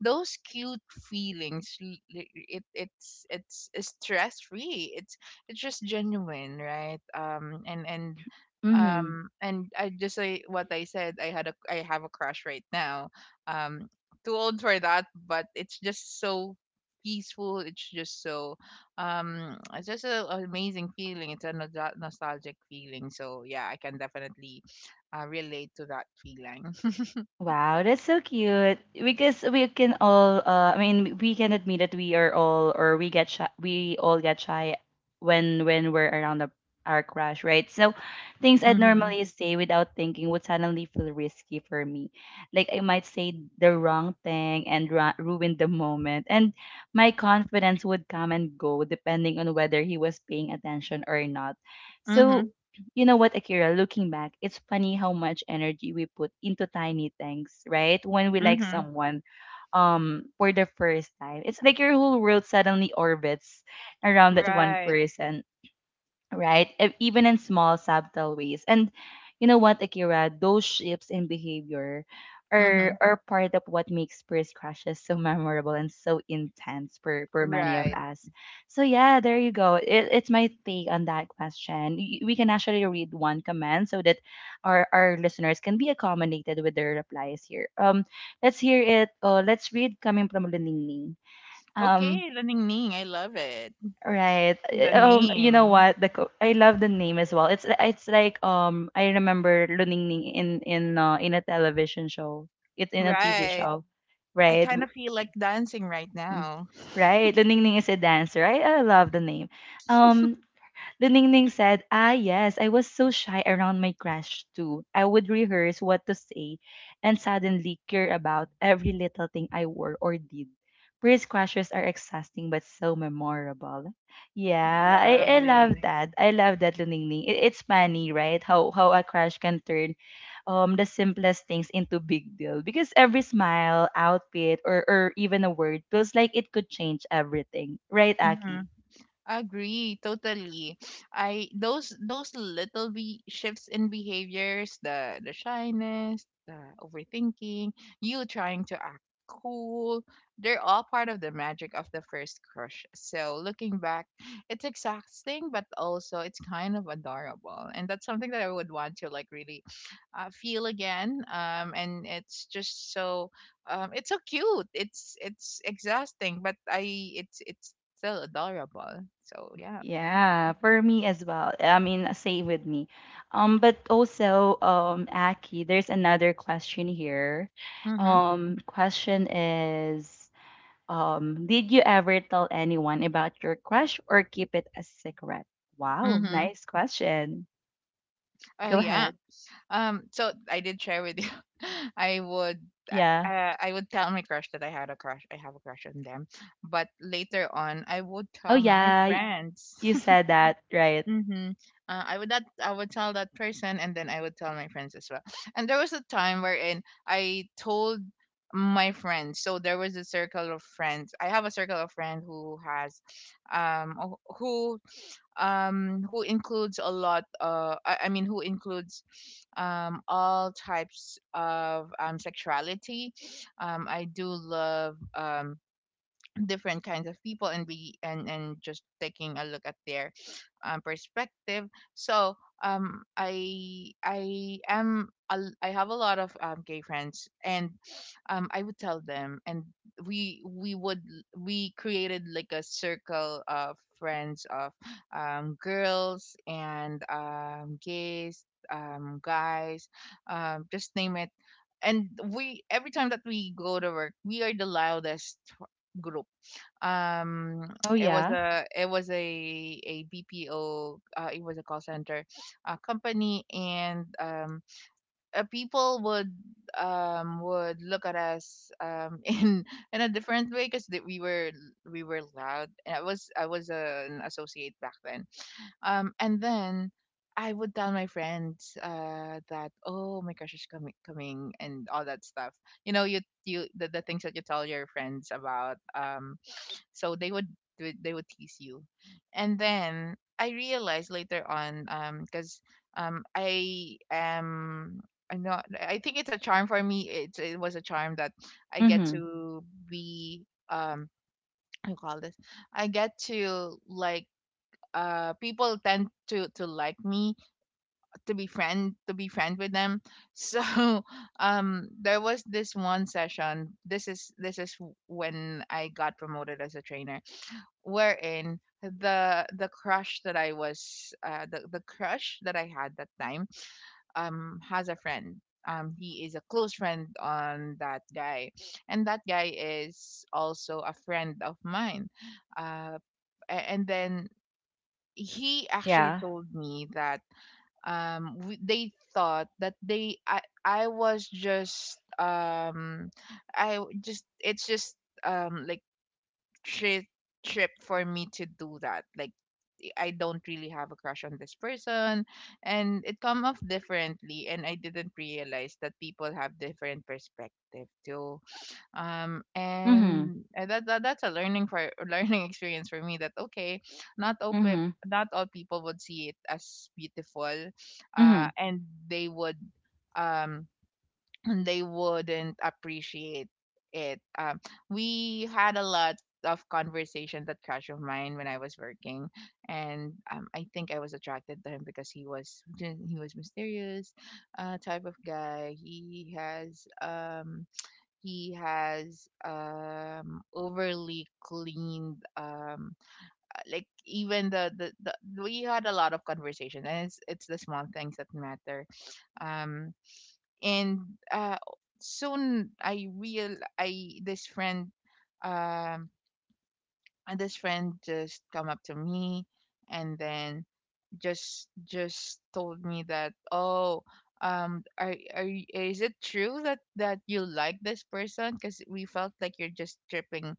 those cute feelings l- l- it it's it's stress free, it's it's just genuine, right? um and and Mhm. um and I just say what I said, I had a— I have a crush right now, um too old for that, but it's just so peaceful. It's just so, um, it's just a, an amazing feeling. It's a nostal- nostalgic feeling. So yeah, I can definitely uh, relate to that feeling. [laughs] Wow, that's so cute. Because we can all uh I mean we can admit that we are all or we get shy we all get shy when when we're around a, our crush, right? So things I'd Mhm. normally say without thinking would suddenly feel risky for me. Like I might say the wrong thing and ru- ruin the moment, and my confidence would come and go depending on whether he was paying attention or not. So, Mhm. you know what, Akira, looking back, it's funny how much energy we put into tiny things, right? When we like Mhm. someone um for the first time. It's like your whole world suddenly orbits around that one Right. person, right? E- Even in small, subtle ways. And you know what, Akira? Those shifts in behavior Mhm. are are part of what makes first crushes so memorable and so intense for for many of Right. us. So yeah, there you go. It, it's my take on that question. Y- We can actually read one comment so that our our listeners can be accommodated with their replies here. Um, let's hear it. Uh, let's read coming from Ling Ling. Um, Okay, the Ning Ning. I love it. Right. Uh, The Um, you know name. what? The co- I love the name as well. It's it's like, um I remember Luningning in in uh, in a television show. It's in a T V Right. show, I right? kind W- of feel like dancing right mm, now. Right. Luningning is a dancer. I I love the name. Um, the Ningning said, "Ah, yes, I was so shy around my crush too. I would rehearse what to say and suddenly care about every little thing I wore or did. First crushes are exhausting but so memorable." Yeah, I, I love Lovely. that. I love that, Luningning. It, it's funny, right? How how a crush can turn um the simplest things into big deal, because every smile, outfit, or or even a word feels like it could change everything, right, Mm-hmm. Aki? Agree totally. I those those little be shifts in behaviors, the the shyness, the overthinking, you trying to act cool, they're all part of the magic of the first crush. So looking back, it's exhausting, but also it's kind of adorable, and that's something that I would want to like really uh, feel again, um, and it's just so um, it's so cute, it's it's exhausting but I it's it's still adorable, so yeah. Yeah, for me as well. I mean, same with me. Um, but also, um, Aki, there's another question here. Mm-hmm. Um, question is, um, did you ever tell anyone about your crush or keep it a secret? Wow, Mm-hmm. nice question. Oh Go yeah. ahead. Um so I did share with you. [laughs] i would uh, Yeah. uh, I would tell my crush that I had a crush. I have a crush on them, but later on, I would Oh tell my yeah, y- friends. you said that, right? Mm-hmm. Uh, I would— that I would tell that person, and then I would tell my friends as well. [laughs] And there was a time wherein I told my friends. So there was a circle of friends. I have a circle of friends who has, um, wh- who um who includes a lot. Uh, I, I mean, who includes, um, all types of um sexuality. Um, I do love um different kinds of people and be and and just taking a look at their um, perspective. So um I I am a l- I have a lot of um, gay friends, and um I would tell them, and we we would we created like a circle of friends of um girls and um gays, um guys, um just name it. And we, every time that we go to work, we are the loudest group. um [tsk] Oh it was yeah. a it was a a BPO, uh, it was a call center uh, company, and um uh, people would um would look at us um [laughs] in in a different way, because we were— we were loud, and i was i was an associate back then. Um and then I would tell my friends uh, that oh, my crush is coming, coming and all that stuff. You know, you you the, the things that you tell your friends about, um so they would— do, they would tease you. And then I realized later on, um because um i am i'm not— I think it's a charm for me. It it was a charm that I get Mm-hmm. to be um I call this, I get to like— uh people tend to to like me, to be friend— to be friend with them. So [laughs] um there was this one session, this is this is when I got promoted as a trainer, wherein the— the crush that I was— uh, the the crush that I had that time um has a friend. Um, he is a close friend on that guy, and that guy is also a friend of mine. Uh, a- and then he actually Yeah. told me that um we— they thought that they I I was just um I w- just— it's just, um like, trip— trip for me to do that, like I don't really have a crush on this person. And it come off differently, and I didn't realize that people have different perspective too. Um Mm-hmm. and uh, that, that that's a learning for [laughs] learning experience for me that okay, not open— Mm-hmm. not all people would see it as beautiful, uh Mm-hmm. and they would um and they wouldn't appreciate it. Um, we had a lot of conversations, that crush of mine when I was working, and um, I think I was attracted to him because he was— he was mysterious, uh, type of guy. He has um he has um overly cleaned, um like even the the, the— we had a lot of conversation, and it's it's the small things that matter, um and uh, soon I real— I, this friend um uh, this friend just come up to me, and then just— just told me that oh, um are, are y- is it true that that you like this person, because we felt like you're just tripping,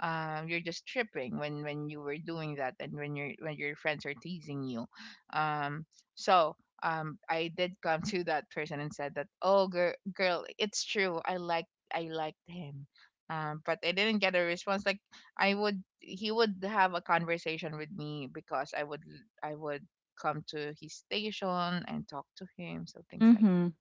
um, you're just tripping when— when you were doing that, and when your— when your friends are teasing you. Um so um I did come [laughs] to that person and said that oh girl, girl, it's true, I like— I liked him. Um but I didn't get a response. Like, I would— he would have a conversation with me, because I would— I would come to his station and talk to him, so things like— Mm-hmm.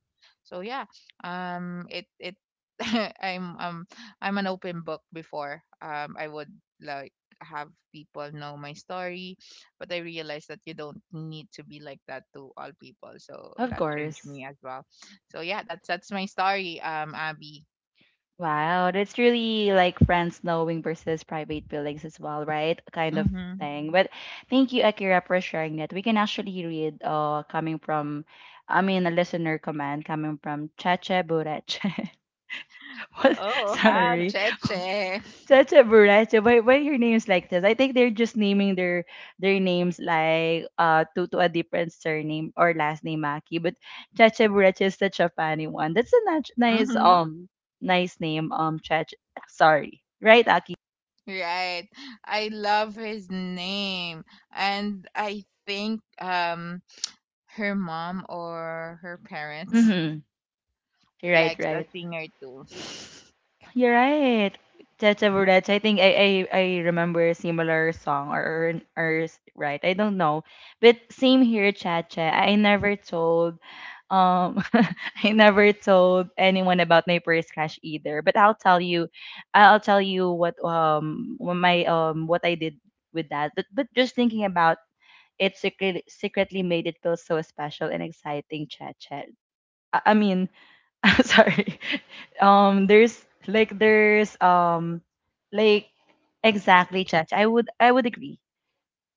so yeah, um, it it [laughs] I'm um I'm an open book before. Um, I would like have people know my story, but I realized that you don't need to be like that to all people. So Of that changed course. me as well. So yeah, that's that's my story. Um, Abby. Wow, that's really like friends knowing versus private feelings as well, right? Kind of Mm-hmm. thing. But thank you, Akira, for sharing that. We can actually read uh coming from, I mean, a listener comment coming from Chacha Bureche. [laughs] What? Oh, Oh, how sorry. Cheche. Chacha Buracho. Why, why your names like this? I think they're just naming their their names like uh to to a different surname or last name, Maki. But Chacha Buracho is such a funny one. That's a nat- nice Mm-hmm. um nice name, um Chacha. Sorry, right, Aki? Right. I love his name. And I think um her mom or her parents Mm-hmm. Right, likes a right. singer too. You're right. Chacha Buracho. I think I, I I remember a similar song, or, or or right. I don't know, but same here, Chacha. I never told um [laughs] I never told anyone about my first crush either. But I'll tell you, I'll tell you what, um what my um what I did with that. But but just thinking about it, secretly secretly made it feel so special and exciting. Chat chat. I, I mean, [laughs] sorry. Um, there's like there's um like exactly chat. Chat. I would I would agree,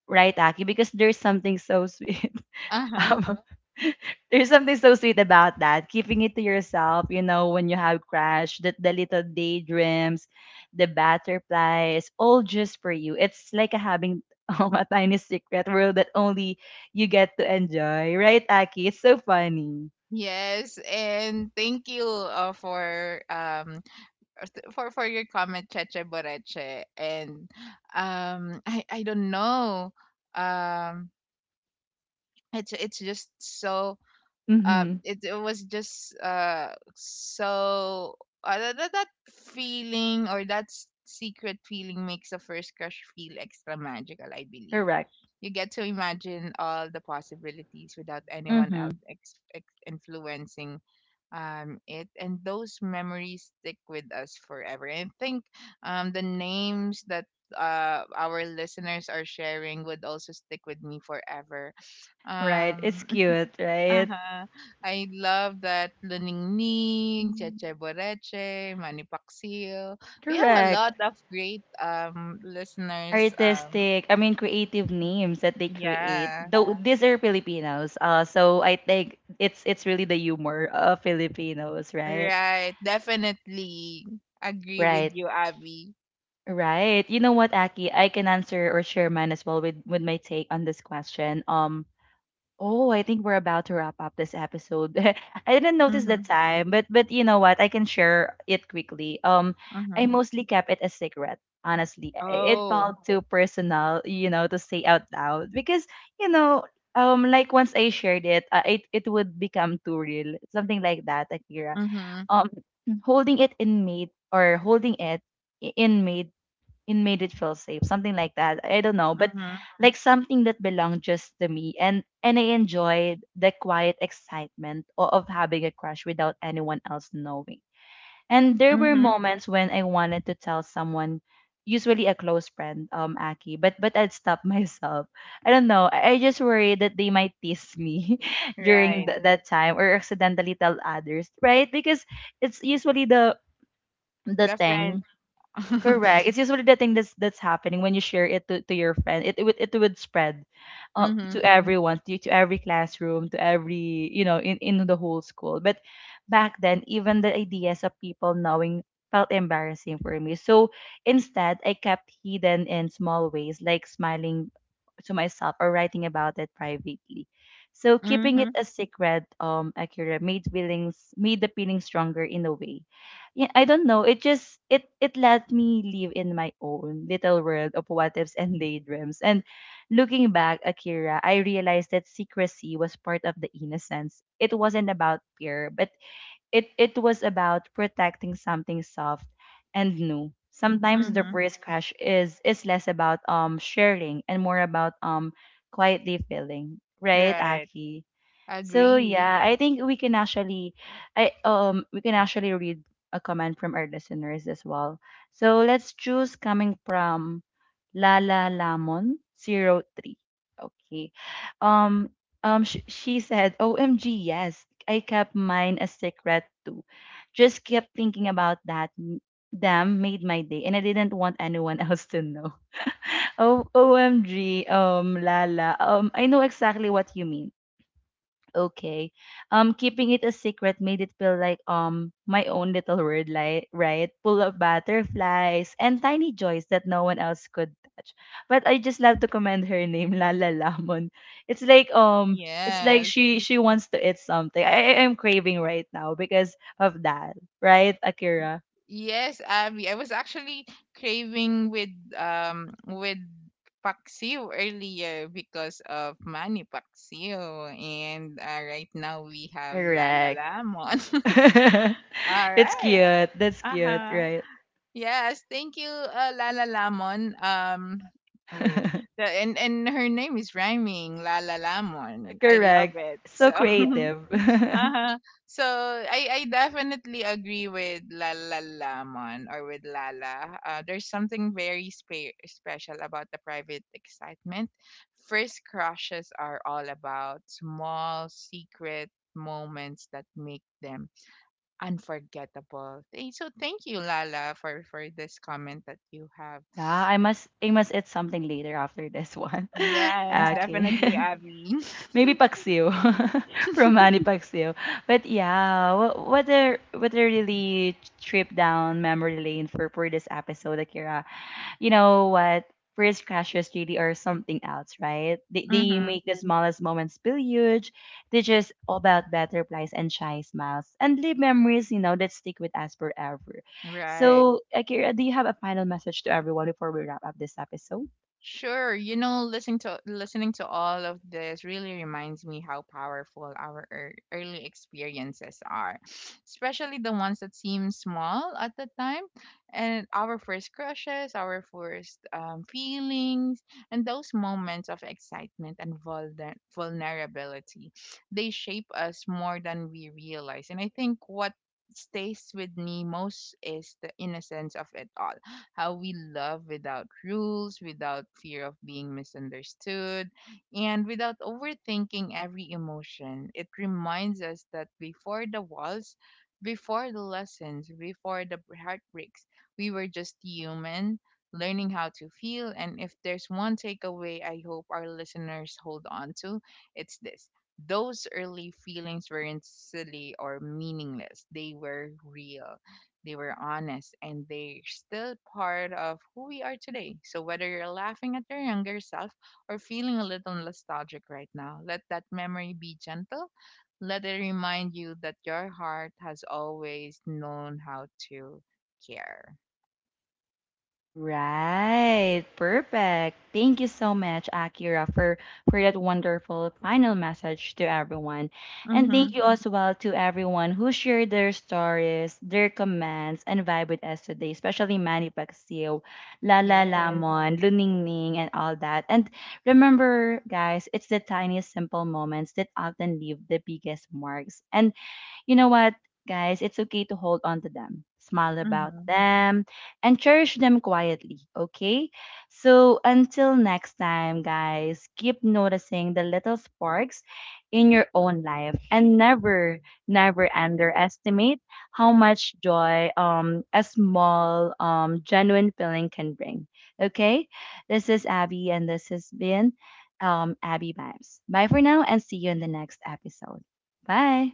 right, Aki? Because there's something so [laughs] sweet. Uh-huh. Um, [laughs] there's something so sweet about that. Keeping it to yourself, you know, when you have crash, the, the little daydreams, the butterflies, all just for you. It's like a having [laughs] um, a tiny secret world that only you get to enjoy, right, Aki? It's so funny. Yes, and thank you uh, for um th- for for your comment, Cheche Boreche. And um I I don't know, um it's it's just so um Mm-hmm. it, it was just uh so uh, that, that that feeling, or that s- secret feeling makes a first crush feel extra magical, I believe. Correct. You get to imagine all the possibilities without anyone Mm-hmm. else ex- ex- influencing um it, and those memories stick with us forever. And I think um the names that uh our listeners are sharing would also stick with me forever. Right. It's Um. cute, right? Uh-huh. I love that, Luningning, Mm. Cheche Boreche, Manipaksil. We have a Correct. lot of great um listeners. Um, Artistic, I mean, creative names that they create. yeah, Though these are Filipinos, uh, so I think it's it's really the humor of Filipinos, right? right. Definitely agree with Right. you, Abby. Right. You know what, Aki? I can answer or share mine as well with with my take on this question. Um, Oh, I think we're about to wrap up this episode. [laughs] I didn't notice Mm-hmm. the time, but but you know what? I can share it quickly. Um, I Mm-hmm. mostly kept it a secret. Honestly, I- it Oh. felt too personal, you know, to say out loud, because you know, um, like once I shared it, uh, it it would become too real, something like that, Akira. Mm-hmm. Um, [clears throat] holding it in made or holding it i- in made it made it feel safe, something like that, I don't know, but Mm-hmm. like something that belonged just to me, and and I enjoyed the quiet excitement o- of having a crush without anyone else knowing. And there were Mm-hmm. moments when I wanted to tell someone, usually a close friend, um Aki, but but I'd stop [laughs] myself. I don't know, i I just worried that they might tease me [laughs] during Right. th- Right. That time, or accidentally tell others, right, because it's usually the the The thing. friend. [laughs] Mm-hmm. Correct. It's usually the thing that's that's happening when you share it to, to your friend. It, it would it would spread, uh, to everyone, to, to every classroom, to every, you know in, in the whole school. But back then, even the ideas of people knowing felt embarrassing for me. So instead, I kept hidden in small ways, like smiling to myself or writing about it privately. So keeping it Mm-hmm. a secret, um, Akira, made feelings made the feeling stronger in a way. Yeah, I don't know. It just it it let me live in my own little world of what ifs and daydreams. And looking back, Akira, I realized that secrecy was part of the innocence. It wasn't about fear, but it it was about protecting something soft and new. Sometimes the Mm-hmm. first crush is is less about um sharing, and more about um quietly feeling, right, Right. Aki? So Agree. yeah, I think we can actually, I um we can actually read a comment from our listeners as well. So let's choose coming from Lala Lamon zero three. Okay. Um um sh- she said, "O M G, yes. I kept mine a secret too. Just kept thinking about that. M- Damn, made my day, and I didn't want anyone [laughs] else to know." [laughs] Oh, O M G, um Lala. Um I know exactly what you mean, okay. Um, keeping it a secret made it feel like um my own little world, like, right, full of butterflies and tiny joys that no one else could touch. But I just love to commend her name, [laughs] Lala Lamon. It's like um, it's like Yes. she she wants to eat something. I I am craving right now because of that, right, Akira? Yes, Abby. I was actually craving with um with paksiw earlier because of Manny Paksiw, and uh, right now we have Lala Correct. Lamon. [laughs] [laughs] All It's right. cute. That's Uh cute, huh. right? Yes. Thank you, uh, Lala Lamon. Um. Oh, [laughs] the— and and her name is rhyming, Lala Lamon. I love Correct. it. So So [laughs] creative. [laughs] Uh-huh. So I I definitely agree with Lala Lamon, or with Lala. Uh, there's something very spe- special about the private excitement. First crushes are all about small secret moments that make them unforgettable. Thank— so thank you, Lala, for for this comment that you have. Yeah, I must I must eat something later after this one. [laughs] Yes, Okay. definitely, Abby. [laughs] [laughs] Maybe paksiw [laughs] from Manny Paksiw. But yeah, what what a what a really trip down memory lane for for this episode, Akira. You know what? First crashes really are something else, right? They, they Mhm. make the smallest moments feel huge. They just all about better plays and shy smiles, and leave memories, you know, that stick with us forever. Right. So, Akira, do you have a final message to everyone before we wrap up this episode? Sure, you know, listening to— listening to all of this really reminds me how powerful our ear- early experiences are, especially the ones that seem small at the time, and our first crushes, our first um, feelings, and those moments of excitement and vulner- vulnerability. They shape us more than we realize, and I think what stays with me most is the innocence of it all, how we love without rules, without fear of being misunderstood, and without overthinking every emotion. It reminds us that before the walls, before the lessons, before the heartbreaks, we were just human, learning how to feel. And if there's one takeaway I hope our listeners hold on to, it's this: those early feelings weren't silly or meaningless, they were real, they were honest, and they're still part of who we are today. So whether you're laughing at your younger self or feeling a little nostalgic right now, let that memory be gentle. Let it remind you that your heart has always known how to care. Right. Perfect. Thank you so much, Akira, for for that wonderful final message to everyone. And Mm-hmm. thank you as well to everyone who shared their stories, their comments, and vibe with us today, especially Manny Pacquiao, Lala Yes. Lamon, Luning Ning, and all that. And remember, guys, it's the tiniest simple moments that often leave the biggest marks. And you know what, guys? It's okay to hold on to them, smile about Mm-hmm. them, and cherish them quietly, okay? So until next time, guys, keep noticing the little sparks in your own life, and never, never underestimate how much joy, um, a small, um, genuine feeling can bring, okay? This is Abby, and this has been um, Abby Vibes. Bye for now, and see you in the next episode. Bye.